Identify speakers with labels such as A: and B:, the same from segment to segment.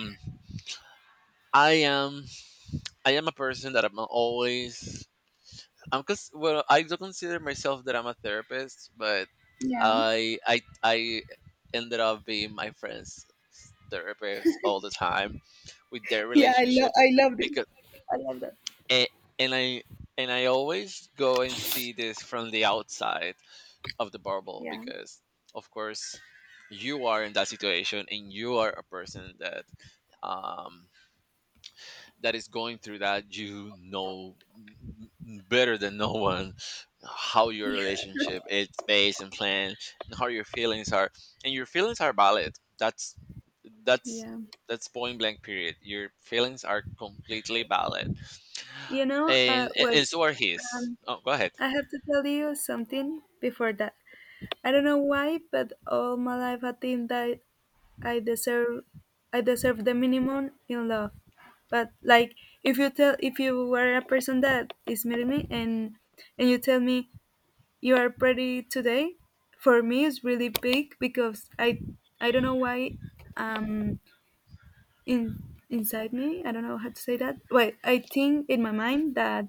A: Mm. I am I am a person that I'm always I'm cause well I do consider myself that I'm a therapist, but
B: Yeah.
A: I ended up being my friends' therapist all the time with their
B: Yeah, I love I
A: relationships
B: loved it.
A: because
B: I love that.
A: and, and I and I always go and see this from the outside of the bubble
B: Yeah.
A: because of course you are in that situation and you are a person that um that is going through that better than no one how your relationship is based and planned and how your feelings are, and your feelings are valid. That's
B: Yeah.
A: that's point blank period. Your feelings are completely valid, and
B: Wait,
A: so are his. Oh, go ahead.
B: I have to tell you something before that. I don't know why, but all my life I think that I deserve I deserve the minimum in love. But like if you were a person that is meeting me and you tell me you are pretty today, for me it's really big because I don't know why, um in inside me. I don't know how to say that. Wait, I think in my mind that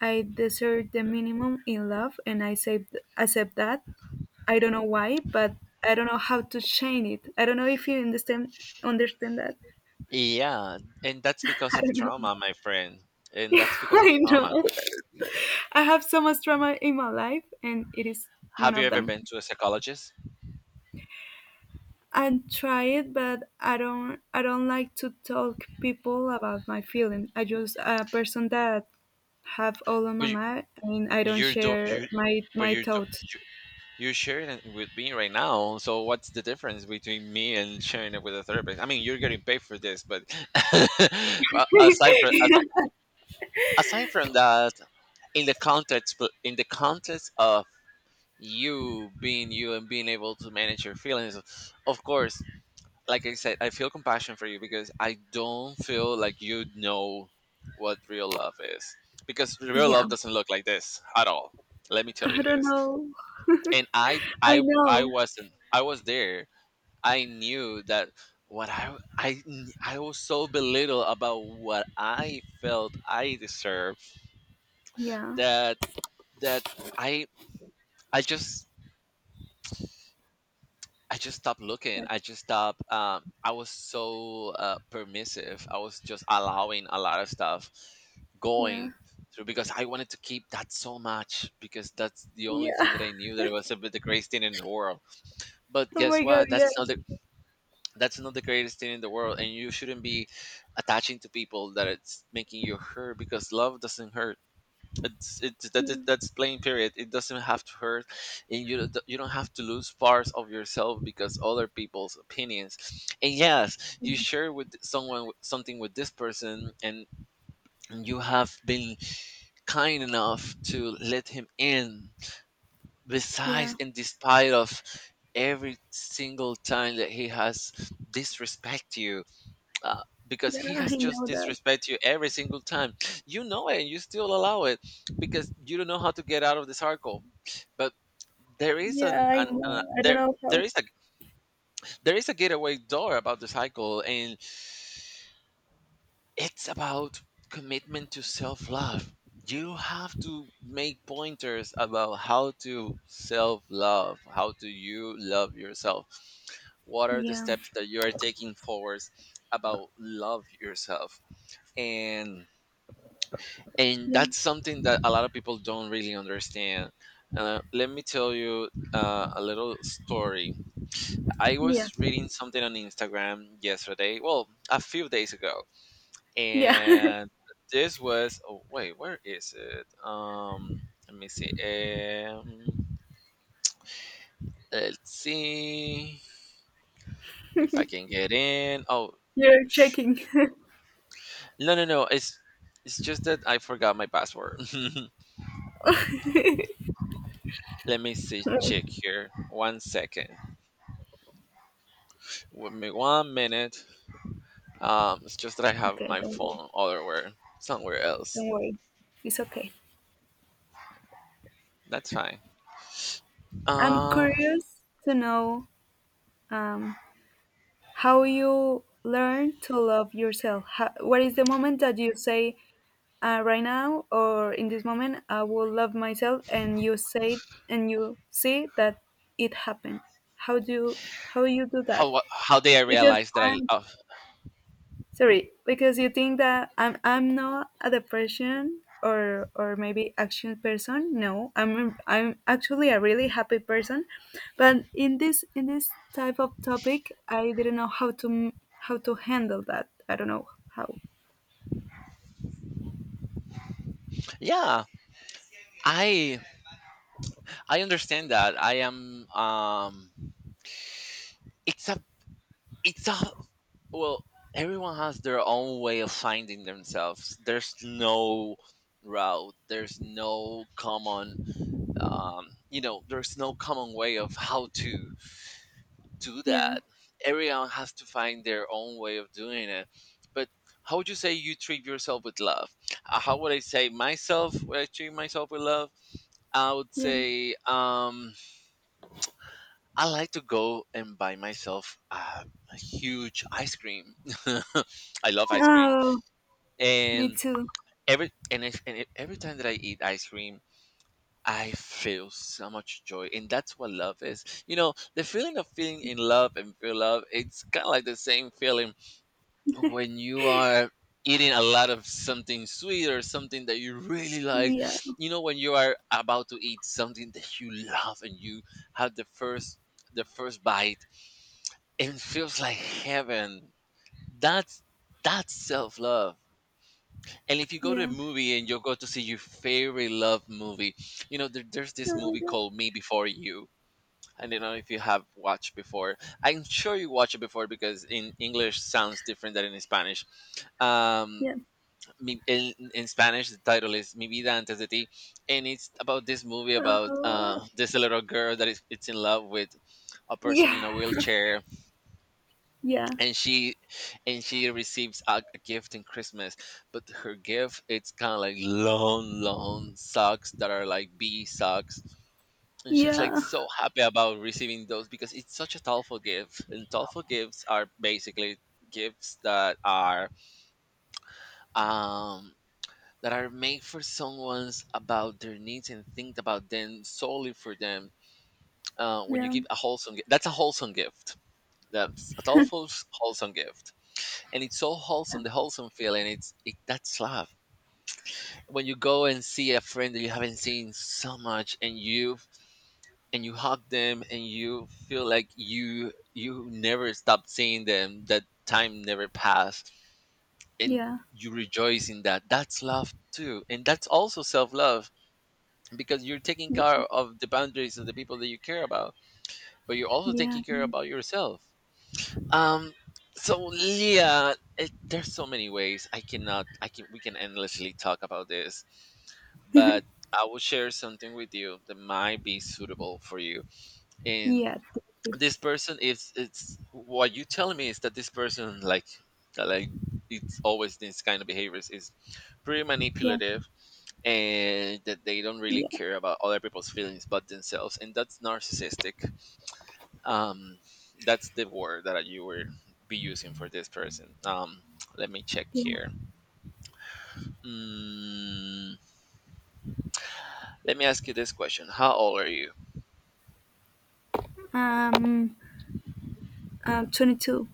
B: I deserve the minimum in love, and I say accept that. I don't know why, but I don't know how to change it. I don't know if you understand that.
A: Yeah, and that's because
B: I
A: of
B: don't know.
A: trauma, my friend. And that's because of
B: I know.
A: trauma.
B: I have so much trauma in my life, and it is one
A: Have you
B: of
A: ever
B: them.
A: been to a psychologist?
B: I try it, but I don't. I don't like to talk people about my feeling. I just a person that have all on my
A: But you,
B: mind. I mean, I don't
A: you're do
B: share
A: you
B: my
A: but
B: my
A: you're
B: thoughts.
A: do- You're sharing it with me right now. So what's the difference between me and sharing it with a therapist? I mean, you're getting paid for this, but well, aside from that, in the context in the context of you being you and being able to manage your feelings, of course, like I said, I feel compassion for you because I don't feel like you know what real love is, because real
B: Yeah,
A: love doesn't look like this at all. Let me tell
B: I
A: you
B: don't
A: this.
B: know.
A: And
B: I
A: I
B: know.
A: wasn't I was there. I knew that what I was so belittled about what I felt I deserved,
B: Yeah,
A: that that I I just stopped looking.
B: but
A: I just stopped. I was so permissive. I was just allowing a lot of stuff
B: yeah,
A: going through because I wanted to keep that so much, because that's the only
B: yeah.
A: thing that I knew that it was a bit the greatest thing in the world. But
B: Oh
A: guess
B: my god.
A: what?
B: Yeah,
A: That's not the greatest thing in the world, and you shouldn't be attaching to people that it's making you hurt, because love doesn't hurt.
B: yeah,
A: That's plain period. It doesn't have to hurt, and you don't have to lose parts of yourself because other people's opinions. And yes, you share with someone something with this person, and you have been kind enough to let him in,
B: yeah.
A: besides and despite of every single time that he has disrespect you, because
B: Yeah,
A: he has
B: I
A: just
B: know that.
A: disrespect you every single time. You know it, and you still allow it because you don't know how to get out of the circle. But there is
B: Yeah, I
A: an
B: know. I don't
A: there
B: know
A: there
B: how.
A: is a there is a getaway door about the cycle, and it's about commitment to self love. You have to make pointers about how to self love. How do you love yourself? What are the
B: Yeah,
A: steps that you are taking forwards about love yourself? And
B: yeah,
A: that's something that a lot of people don't really understand. Let me tell you a little story. I
B: yeah,
A: was reading something on Instagram yesterday, well, a few days ago,
B: yeah.
A: and this was, oh wait, where is it? Let me see. Um, let's see if I can get in. Oh,
B: You're
A: sh-
B: checking.
A: no, no, no. It's just that I forgot my password.
B: Okay,
A: Let me see. Check here. One second. With me one minute. It's just that I have my
B: don't worry.
A: phone otherwhere, somewhere else.
B: Don't worry, it's okay.
A: That's fine.
B: I'm
A: Um,
B: curious to know, um, how you learn to love yourself. How, what is the moment that you say, right now or in this moment, I will love myself, and you say and you see that it happened. How do you, how you do that?
A: how did I
B: Because
A: realize that I?
B: I'm
A: Oh,
B: sorry, because you think that I'm not a depression or maybe action person. No, I'm actually a really happy person, but in this type of topic, I didn't know how to handle that. I don't know how.
A: yeah, I I understand that. I am. It's a it's a Well, everyone has their own way of finding themselves. There's no route. There's no common. You know, there's no common way of how to do
B: Yeah,
A: that. Everyone has to find their own way of doing it. But how would you say you treat yourself with love? How would I say myself? Would I treat myself with love? I would
B: yeah.
A: say I like to go and buy myself a huge ice cream. I love ice cream,
B: Oh, me
A: and
B: too.
A: every and if- every time that I eat ice cream, I feel so much joy, and that's what love is. You know, the feeling of feeling in love and feel love, it's kind of like the same feeling when you are eating a lot of something sweet or something that you really like.
B: Yeah,
A: You know, when you are about to eat something that you love and you have the first bite and feels like heaven, that's that's self-love. And if you go to a
B: yeah.
A: movie and you go to see your favorite love movie, you know, there's this
B: Oh my
A: movie
B: god.
A: called Me Before You. I don't know if you have watched before. I'm sure you watched it before, because in English sounds different than in Spanish. Um,
B: Yeah.
A: in Spanish, the title is "Mi Vida Antes de Ti," and it's about this movie about
B: Oh.
A: this little girl that is, it's in love with a person in
B: Yeah.
A: a wheelchair,
B: Yeah.
A: and she receives a gift in Christmas, but her gift it's kind of like long, long socks that are like bee socks, and she's like
B: Yeah.
A: so happy about receiving those because it's such a thoughtful gift, and thoughtful gifts are basically gifts um that are made for someone's about their needs and think about them solely for them. When you give a wholesome, that's a wholesome gift. That's a thoughtful, wholesome gift, and it's so wholesome. The wholesome feeling, that's love. When you go and see a friend that you haven't seen so much, and you hug them, and you feel like you never stop seeing them. That time never passed, and
B: Yeah.
A: you rejoice in that. That's love too, and that's also self love because you're taking care
B: Yeah.
A: of the boundaries of the people that you care about, but you're also
B: Yeah.
A: taking care
B: Yeah.
A: about yourself. Um, so yeah, there's so many ways. I cannot. I can. We can endlessly talk about this, but I will share something with you that might be suitable for you. And
B: Yeah.
A: this person is. it's what you telling me is that this person, like, it's always these kind of behaviors is pretty
B: Yeah.
A: manipulative, and that they don't really
B: Yeah.
A: care about other people's feelings but themselves, and that's narcissistic. um that's the word that you were be using for this person. Let me check
B: Yeah.
A: here. Mm, let me ask you this question: how old are you?
B: Um, I'm 22.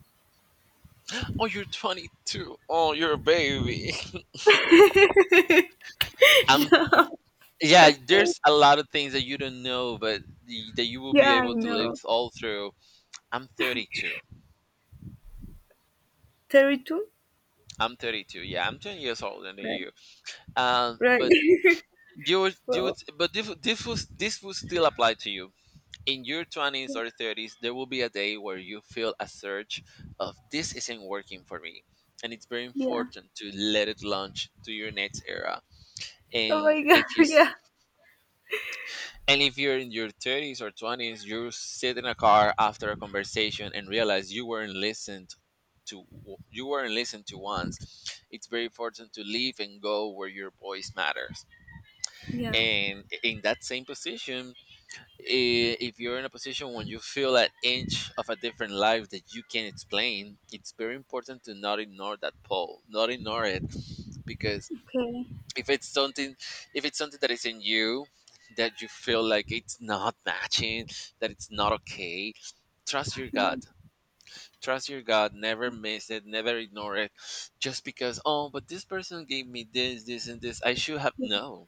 A: Oh, you're 22. Oh, you're a baby. I'm
B: No.
A: yeah there's a lot of things that you don't know, but that you will be
B: Yeah, I
A: able to live
B: know.
A: all through. I'm 32.
B: 32?
A: I'm 32, yeah, I'm 10 years older than
B: Right.
A: you. Um,
B: Right.
A: but you would,
B: Well,
A: but this, would- this was this will still apply to you. In your 20s or 30s there will be a day where you feel a surge of, this isn't working for me, and it's very
B: yeah.
A: important to let it launch to your next era.
B: Oh
A: and
B: my god,
A: if you s-
B: yeah.
A: and if you're in your 30s or 20s, you sit in a car after a conversation and realize you weren't listened to. You weren't listened to once. It's very important to leave and go where your voice matters.
B: Yeah.
A: And in that same position, if you're in a position when you feel an inch of a different life that you can explain, it's very important to not ignore that pull, not ignore it, because
B: Okay.
A: if it's something, if it's something that is in you that you feel like it's not matching, that it's not okay, trust your
B: Yeah.
A: gut. Trust your gut. Never miss it. Never ignore it. Just because, oh, but this person gave me this, this, and this, I should have.
B: Yeah.
A: No,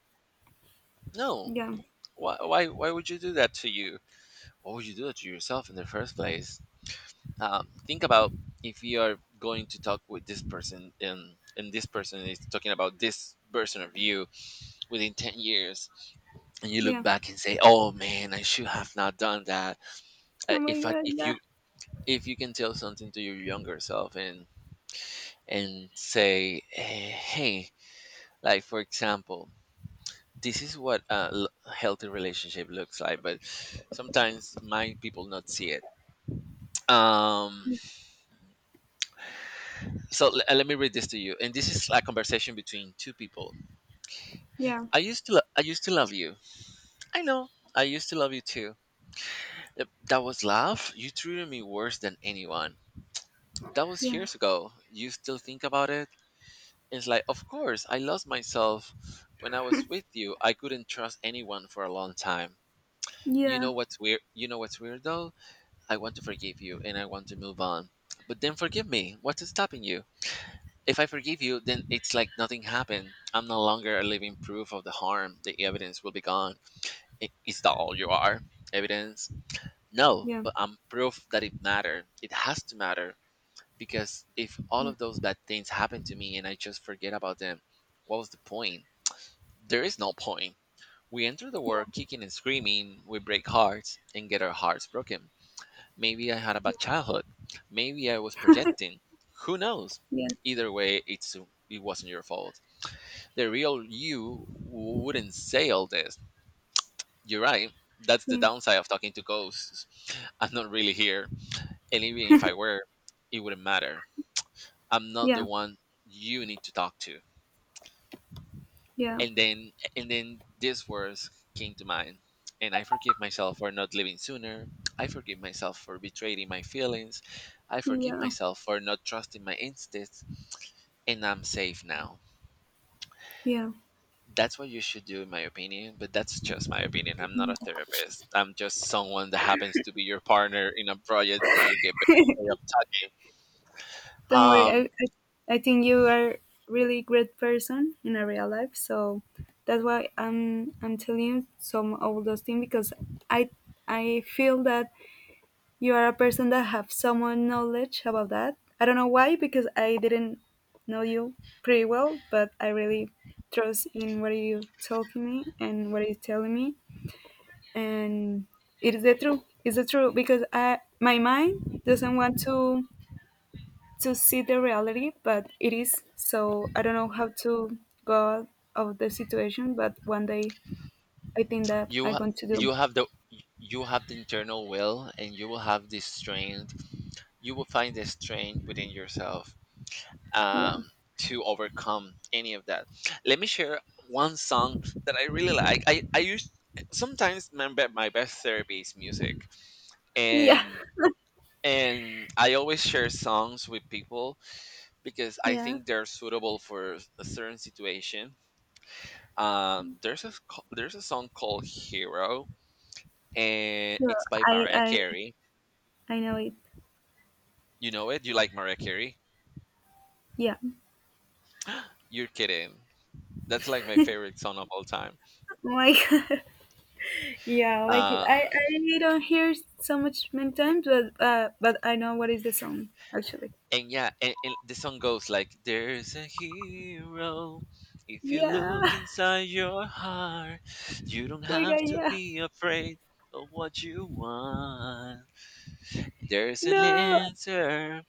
A: no.
B: Yeah.
A: Why would you do that to you? What would you do to yourself in the first place? Think about, if you are going to talk with this person, and this person is talking about this version of you within 10 years, and you look
B: Yeah.
A: back and say, "Oh man, I should have not done that."
B: Oh my god,
A: If
B: yeah.
A: you, if you can tell something to your younger self and say, eh, "Hey, like for example." This is what a healthy relationship looks like, but sometimes my people not see it. Um, So let me read this to you, and this is a conversation between two people.
B: Yeah.
A: I used to love you. I know, I used to love you too. That was love. You treated me worse than anyone. That was
B: Yeah.
A: years ago. You still think about it? It's like, of course, I lost myself when I was with you. I couldn't trust anyone for a long time. You
B: Yeah.
A: know what's weird? You know what's weird though? I want to forgive you and I want to move on. But then forgive me. What's stopping you? If I forgive you, then it's like nothing happened. I'm no longer a living proof of the harm. The evidence will be gone. Is that all you are? Evidence? No,
B: Yeah.
A: but I'm proof that it mattered. It has to matter, because if all of those bad things happen to me and I just forget about them, what was the point? There is no point. We enter the
B: Yeah.
A: world
B: Yeah.
A: kicking and screaming, we break hearts and get our hearts broken. Maybe I had a bad childhood. Maybe I was projecting. Who knows?
B: Yeah. Yeah.
A: Either way, it wasn't your fault, the real you wouldn't say all this. You're right. That's the downside of talking to ghosts. I'm not really here. And even if I were, it wouldn't matter. I'm not the
B: Yeah.
A: one you need to talk to.
B: Yeah. Yeah.
A: And then and then these words came to mind. And I forgive myself for not living sooner. I forgive myself for betraying my feelings. I forgive
B: Yeah.
A: myself for not trusting my instincts. And I'm safe now.
B: Yeah.
A: That's what you should do, in my opinion, but that's just my opinion. I'm not a therapist. I'm just someone that happens to be your partner in a project where you get paid up
B: Don't worry.
A: talking.
B: I think you are really great person in a real life. So that's why I'm telling you some of those things because I I feel that you are a person that have some more knowledge about that. I don't know why because I didn't know you pretty well, but I really trust in what you talking me and what you telling me, and it is the truth. It's the truth because I my mind doesn't want to see the reality, but it is. So I don't know how to go out of the situation, but one day I think that
A: You
B: I'm
A: ha-
B: going to do.
A: you have the you have the internal will and you will have this strength. You will find the strength within yourself
B: Yeah.
A: um to overcome any of that. Let me share one song that I really like. I use sometimes my, my best therapy is music,
B: Yeah.
A: and I always share songs with people because I
B: Yeah.
A: think they're suitable for a certain situation. There's a song called Hero, and
B: Sure.
A: it's by
B: I
A: Mariah
B: I
A: Carey.
B: I know it.
A: You know it? You like Mariah Carey?
B: Yeah.
A: You're kidding. That's like my favorite song of all time.
B: Like yeah, like it.
A: uh,
B: I don't hear it so much many times, but I know what is the song actually.
A: and yeah, and the song goes like, there's a hero if you
B: Yeah.
A: look inside your heart, you don't
B: Like I
A: have to
B: yeah.
A: be afraid of what you want. There's an
B: No,
A: answer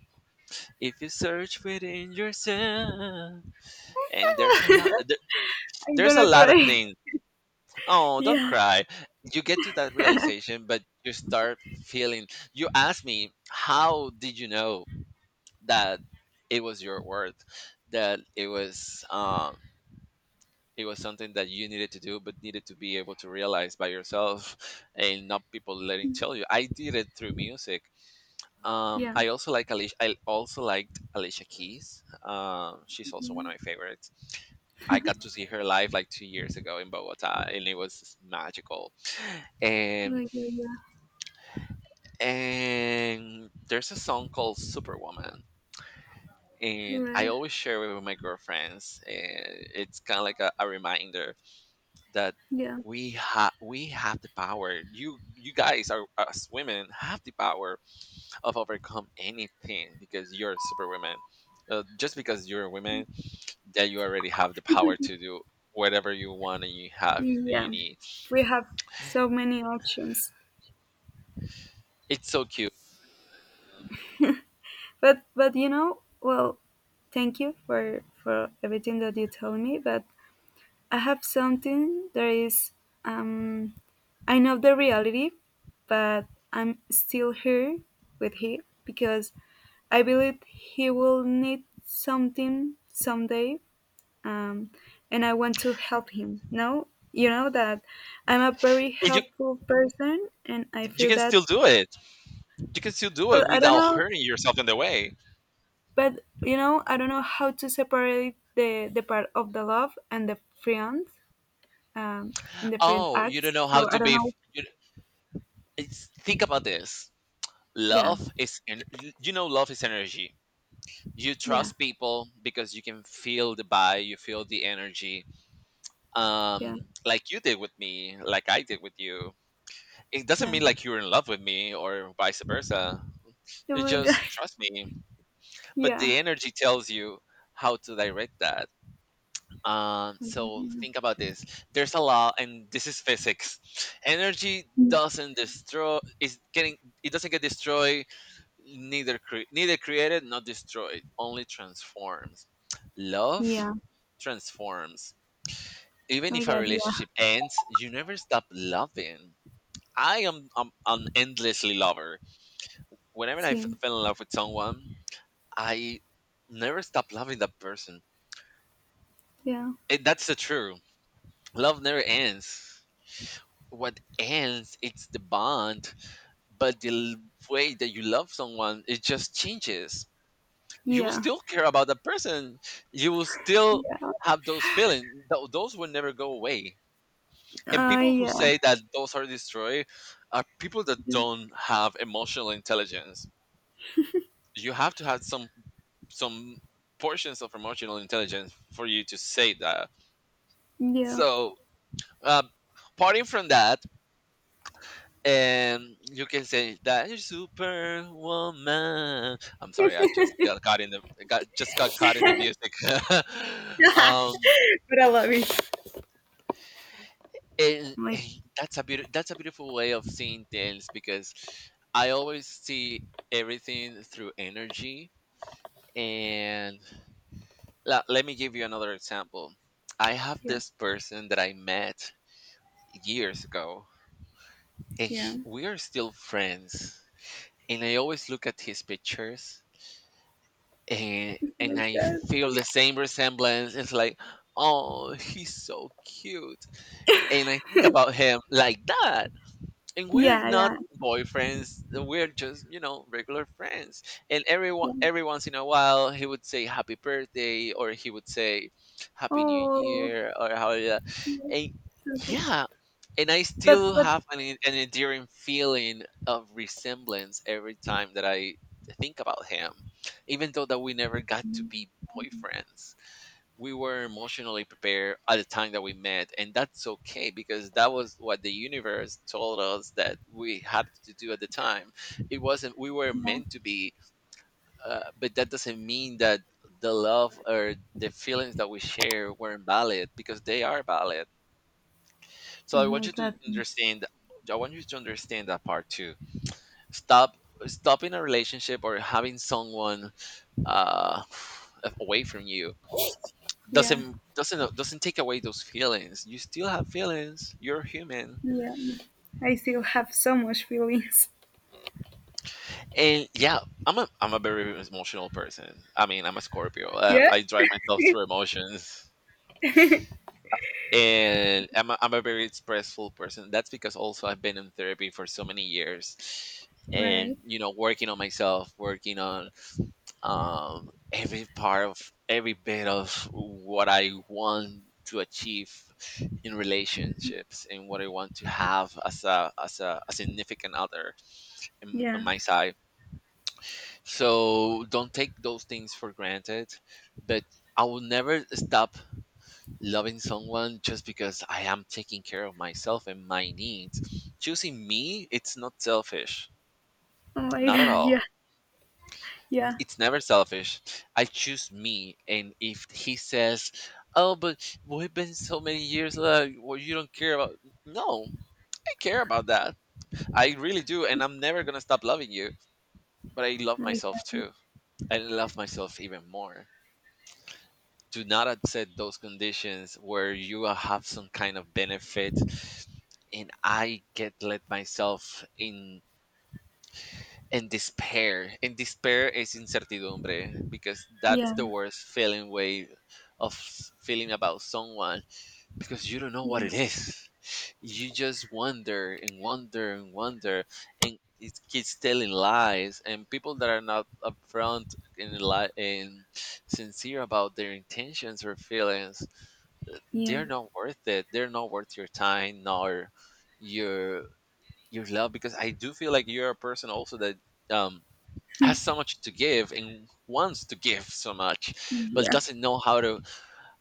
A: if you search within yourself. And there's a lot there,
B: I'm
A: there's a
B: gonna
A: lot of
B: cry.
A: things. Oh, don't
B: Yeah.
A: cry. You get to that realization, but you start feeling, you ask me, how did you know that it was your worth? That it was something that you needed to do, but needed to be able to realize by yourself and not people letting tell you. I did it through music.
B: Yeah.
A: I also like Alicia. I also liked Alicia Keys. She's also one of my favorites. I got to see her live like 2 years ago in Bogota, and it was just magical. And
B: Like yeah. Yeah.
A: and there's a song called Superwoman, and I
B: Right.
A: always share it with my girlfriends, and it's kind of like a reminder that
B: Yeah.
A: we have the power. You guys are, us women have the power of overcome anything because you're superwoman. Just because you're a woman, that you already have the power to do whatever you want and you have you
B: Yeah,
A: need.
B: we have so many options.
A: It's so cute.
B: But you know, well, thank you for everything that you tell me. But I have something that is, um, I know the reality, but I'm still here with him because I believe he will need something someday, um, and I want to help him. No, you know that I'm a very
A: And you
B: helpful person, and I
A: you
B: feel
A: can
B: that
A: still do it. You can still do it
B: but I don't
A: without
B: know.
A: hurting yourself in the way.
B: But you know, I don't know how to separate the part of the love um, and the friend
A: Oh, you don't
B: acts.
A: know how
B: So I
A: to
B: don't
A: be.
B: know.
A: You, it's, think about this.
B: Yeah,
A: Love is, you know, love is energy. You
B: yeah,
A: trust people because you can feel the vibe, you feel the energy,
B: yeah,
A: like you did with me, like I did with you. It doesn't
B: yeah.
A: mean like you're in love with me or vice versa.
B: Oh
A: You
B: my god.
A: just trust me. But
B: Yeah.
A: the energy tells you how to direct that. So
B: Mhm.
A: think about this. There's a law, and this is physics. Energy doesn't destroy. Is getting. It doesn't get destroyed. Neither created, not destroyed. Only transforms. Love
B: Yeah.
A: transforms. Even
B: My
A: if our
B: god.
A: relationship
B: Yeah.
A: ends, you never stop loving. I am an endlessly lover. Whenever I
B: See.
A: fell in love with someone, I never stopped loving that person.
B: Yeah.
A: It, that's the truth. Love never ends. What ends, it's the bond. But way that you love someone, it just changes. You will
B: Yeah.
A: still care about that person. You will still have those feelings. Those will never go away. And people who
B: Yeah.
A: say that those are destroyed are people that
B: Yeah.
A: don't have emotional intelligence. You have to have some some portions of emotional intelligence for you to say that.
B: Yeah.
A: So, uh, parting from that, and you can say that you're superwoman. I'm sorry, I just got caught in the got caught in the music. um,
B: But I love it.
A: and,
B: My
A: and that's a beautiful way of seeing things because I always see everything through energy. And let me give you another example. I have
B: yeah.
A: this person that I met years ago, and
B: Yeah.
A: we are still friends. And I always look at his pictures, and
B: Oh my
A: I
B: god.
A: feel the same resemblance. It's like, oh, he's so cute, and I think about him like that. And we're
B: Yeah.
A: not
B: Yeah.
A: boyfriends. Uh, we're just, you know, regular friends, and
B: Yeah.
A: every once in a while, he would say happy birthday, or he would say happy new
B: Oh.
A: year or how.
B: Yeah.
A: And
B: So sweet.
A: yeah, and I still
B: But
A: have an, an endearing feeling of resemblance every time that I think about him, even though that we never got to be boyfriends. We were emotionally prepared at the time that we met, and that's okay because that was what the universe told us that we had to do at the time. It wasn't, we were
B: yeah.
A: meant to be. Uh, but that doesn't mean that the love or the feelings that we share weren't valid, because they are valid. So
B: Oh
A: I want
B: my
A: you to
B: god.
A: understand, I want you to understand that part too. stop Stopping a relationship or having someone uh, away from you
B: Yeah,
A: doesn't doesn't take away those feelings. You still have feelings. You're human,
B: yeah. I still have so much feelings.
A: and yeah, I'm a very emotional person. I mean, I'm a Scorpio.
B: Yeah?
A: I drive myself through emotions, and I'm a very expressful person. That's because also I've been in therapy for so many years, and
B: Right?
A: you know, working on myself, working on every part of every bit of what I want to achieve in relationships and what I want to have as a as a significant other in, on
B: Yeah.
A: my side. So don't take those things for granted, but I will never stop loving someone just because I am taking care of myself and my needs. Choosing me, it's not selfish,
B: Oh my
A: not at
B: god.
A: all.
B: Yeah, yeah.
A: It's never selfish. I choose me, and if he says, "Oh, but we've been so many years, well, you don't care about," no, I care about that. I really do, and I'm never gonna stop loving you. But I
B: Oh
A: love
B: my
A: myself
B: god.
A: too. I love myself even more. Do not accept those conditions where you have some kind of benefit, and I get let myself in and despair, and despair is incertidumbre, because that's
B: Yeah,
A: the worst feeling way of feeling about someone, because you don't know what
B: yeah,
A: it is, you just wonder and wonder and wonder, and it keeps telling lies, and people that are not upfront and, and sincere about their intentions or feelings,
B: yeah,
A: they're not worth it. They're not worth your time nor your love, because I do feel like you're a person also that um has so much to give and wants to give so much but
B: yeah,
A: doesn't know how to,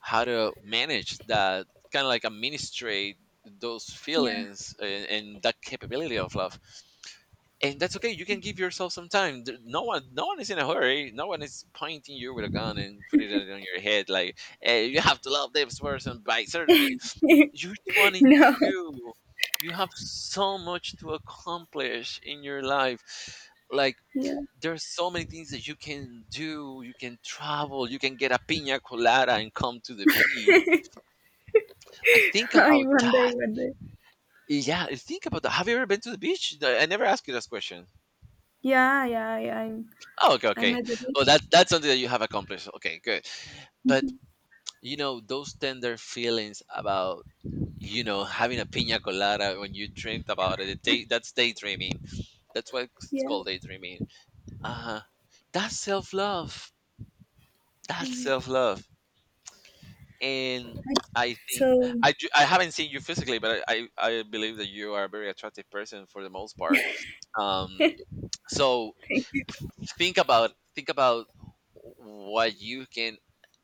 A: how to manage that, kind of like administrate those
B: yeah.
A: feelings and, that capability of love. And that's okay, you can give yourself some time. No one is in a hurry, no one is pointing you with a gun and putting it on your head like, hey, you have to love this person by certain. You're
B: No.
A: 22, you have so much to accomplish in your life. Like,
B: Yeah.
A: there's so many things that you can do. You can travel. You can get a pina colada and come to the beach. Like, think
B: I
A: about
B: one
A: that.
B: day, one day.
A: Yeah, think about that. Have you ever been to the beach? No, I never asked you this question.
B: Yeah, yeah, yeah. I'm,
A: Oh, okay,
B: I'm
A: okay.
B: at the
A: Well, that that's something that you have accomplished. Okay, good. But
B: bit.
A: you know those tender feelings about, you know, having a pina colada when you dreamt about it. Day, that's daydreaming. That's what it's
B: Yeah.
A: called, daydreaming. Uh huh. That's self love. That's
B: Right.
A: self love. And I think,
B: So,
A: I haven't seen you physically, but I believe that you are a very attractive person for the most part. Um,
B: thank
A: so
B: you.
A: think about, think about what you can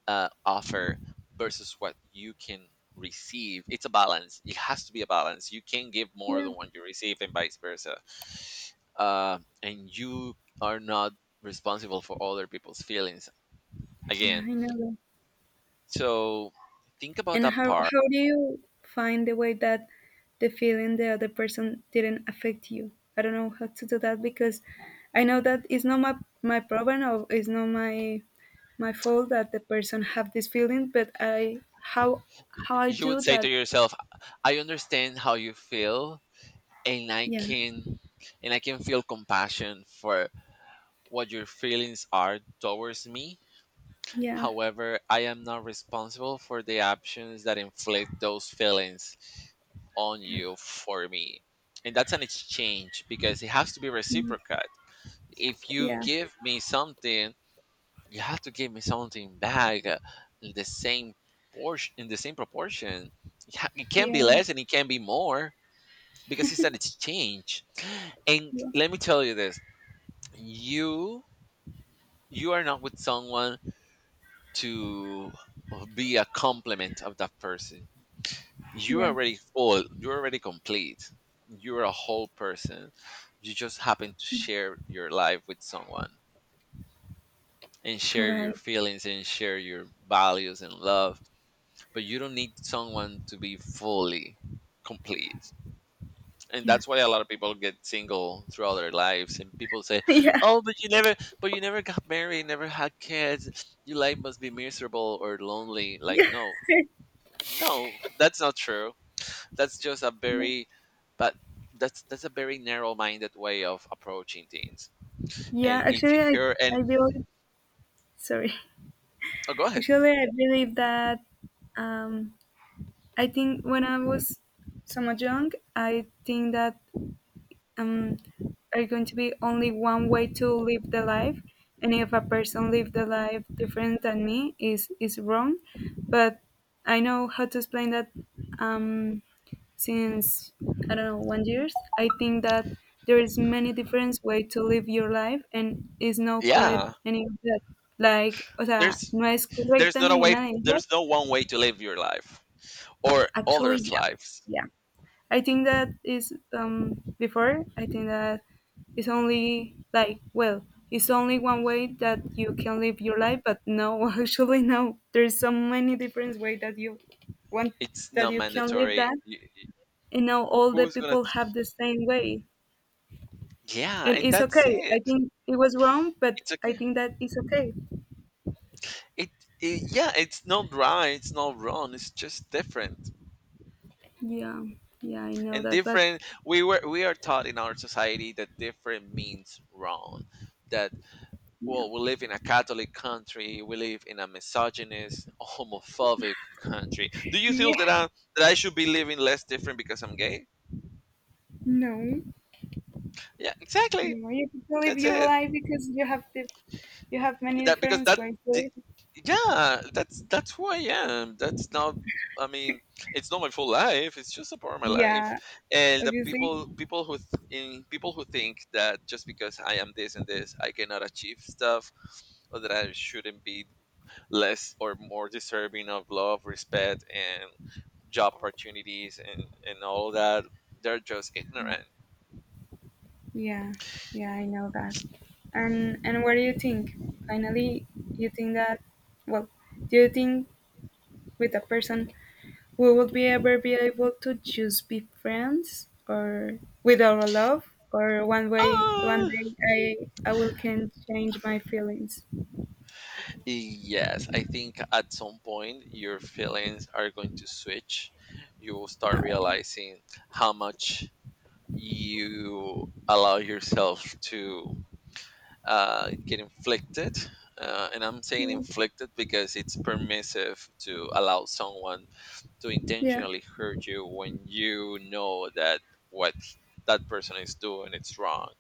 A: offer versus what you can receive. It's a balance. It has to be a balance. You can give more than
B: Yeah.
A: what you receive, and vice versa. And you are not responsible for other people's feelings
B: Yeah,
A: again.
B: I know.
A: So think about
B: And
A: that
B: how
A: part.
B: how do you find the way that the feeling the other person didn't affect you? I don't know how to do that because I know that it's not my problem or it's not my fault that the person have this feeling, but I how I
A: You would
B: do
A: say to
B: that?
A: yourself, I understand how you feel and I
B: Yeah,
A: can and I can feel compassion for what your feelings are towards me.
B: yeah,
A: However, I am not responsible for the actions that inflict those feelings on
B: yeah,
A: you for me. And that's an exchange because it has to be
B: mm,
A: reciprocal. If you
B: yeah,
A: give me something, you have to give me something back in the same proportion. It can be
B: yeah,
A: less and it can be more because it's an exchange. And
B: yeah,
A: let me tell you this: you you are not with someone to be a complement of that person. You're
B: yeah.
A: already full. You're already complete. You're a whole person. You just happen to share your life with someone and share your
B: Right.
A: feelings and share your values and love, but you don't need someone to be fully complete. And
B: Yeah.
A: that's why a lot of people get single throughout their lives, and people say,
B: yeah.
A: oh, but you never got married, never had kids, your life must be miserable or lonely. Like,
B: Yeah.
A: no, no, that's not true. That's just a
B: yeah.
A: very— But that's a very narrow-minded way of approaching things.
B: Yeah.
A: And if
B: Actually,
A: you
B: I
A: hear— and
B: I feel sorry.
A: oh, go ahead.
B: Actually, I believe that, um, I think when I was somewhat young, I think that, um, are going to be only one way to live the life. And if a person live the life different than me, is wrong. But I know how to explain that. Um, since I don't know one years, I think that there is many different way to live your life, and is no correct
A: Yeah,
B: any of that. Like, o sea,
A: there's
B: no es
A: there's
B: correcta
A: not a way,
B: ninguna de ellas.
A: there's no one way to live your life or
B: Actually,
A: others'
B: yeah,
A: lives.
B: yeah. I think that is before I think that it's only like well it's only one way that you can live your life, but no. Actually no, there's so many different ways that you want
A: It's
B: that
A: not
B: you can live
A: mandatory.
B: that,
A: Y-
B: and now all the
A: Who's gonna?
B: people have the same way,
A: Yeah,
B: and
A: and
B: it's
A: that's
B: okay. I
A: it.
B: think it was wrong, but
A: It's
B: I
A: okay.
B: think that it's okay.
A: It, it, yeah, it's not right. It's not wrong. It's just different.
B: Yeah, yeah, I know
A: And
B: that, but
A: different— we were we are taught in our society that different means wrong. That—
B: yeah,
A: well, we live in a Catholic country. We live in a misogynist, homophobic country. Do you feel
B: yeah,
A: that I should be living less different because I'm gay?
B: no.
A: Yeah, exactly.
B: No, you get live
A: That's
B: your
A: it.
B: life because you have the, you have many
A: That because
B: different
A: that
B: ways to
A: the-
B: live.
A: Yeah, that's who I am. That's not— I mean, it's not my full life, it's just a part of my life.
B: Yeah,
A: And the
B: obviously.
A: people who think that just because I am this and this I cannot achieve stuff, or that I shouldn't be less or more deserving of love, respect, and job opportunities, and all that, they're just
B: Yeah,
A: ignorant.
B: yeah, yeah. I know that. And what do you think? Finally, you think that? Well, do you think with a person we would be ever be able to just be friends, or with our love, or one way, one
A: Ah,
B: day I will can change my feelings.
A: Yes, I think at some point your feelings are going to switch. You will start realizing how much you allow yourself to get inflicted. And I'm saying
B: Yeah,
A: inflicted because it's permissive to allow someone to
B: yeah,
A: intentionally hurt you when you know that what that person is doing it's wrong,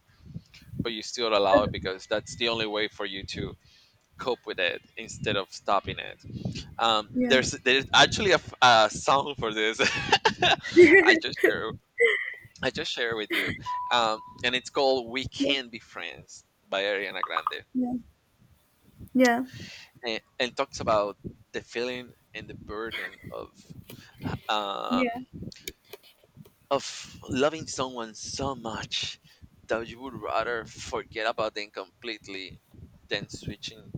A: but you still allow it
B: that-
A: because that's the only way for you to cope with it instead of stopping it.
B: yeah,
A: There's actually a, a song for this. I just share I just share with you, and it's called "We
B: yeah,
A: Can Be Friends" by Ariana Grande,
B: yeah, yeah.
A: and talks about the feeling and the burden um,
B: Yeah.
A: of loving someone so much that you would rather forget about them completely than switching.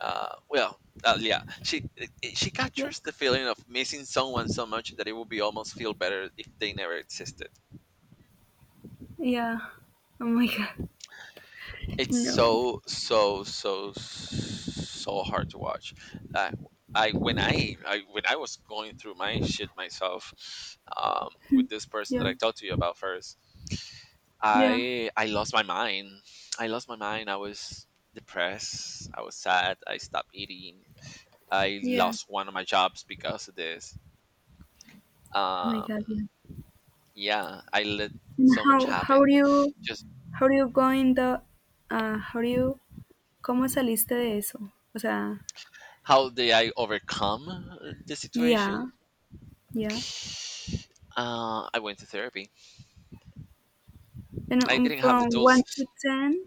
A: uh, well, yeah, she she
B: Yeah.
A: captures the feeling of missing someone so much that it would be almost feel better if they never existed.
B: Yeah. Oh my god.
A: It's
B: No.
A: so so so so hard to watch. Uh, I I when I was going through my shit myself, with this person that
B: Yeah.
A: I talked to you about first,
B: Yeah.
A: I lost my mind. I lost my mind. I was depressed. I was sad. I stopped eating. I
B: Yeah.
A: lost one of my jobs because of this.
B: Oh my
A: um
B: god. Yeah.
A: yeah, I let
B: And
A: so much happen, just—
B: how do you going? The How do you cómo saliste de eso? O sea,
A: How did I overcome the
B: yeah.
A: situation?
B: Yeah.
A: I went to therapy.
B: And,
A: I didn't have the
B: from
A: tools.
B: 1 to 10,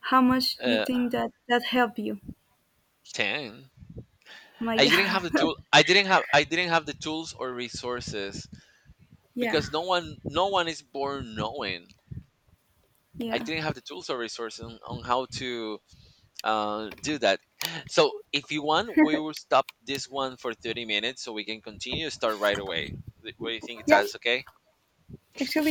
B: how much do you
A: uh
B: think that that helped you?
A: 10.
B: My
A: I didn't have the tool I didn't have I didn't have the tools or resources,
B: yeah.
A: because no one is born knowing. I
B: Yeah.
A: didn't have the tools or resources on how to do that. So if you want, we will stop this one for 30 minutes so we can continue, start right away. Th- what do you think,
B: Yeah,
A: that's okay?
B: actually,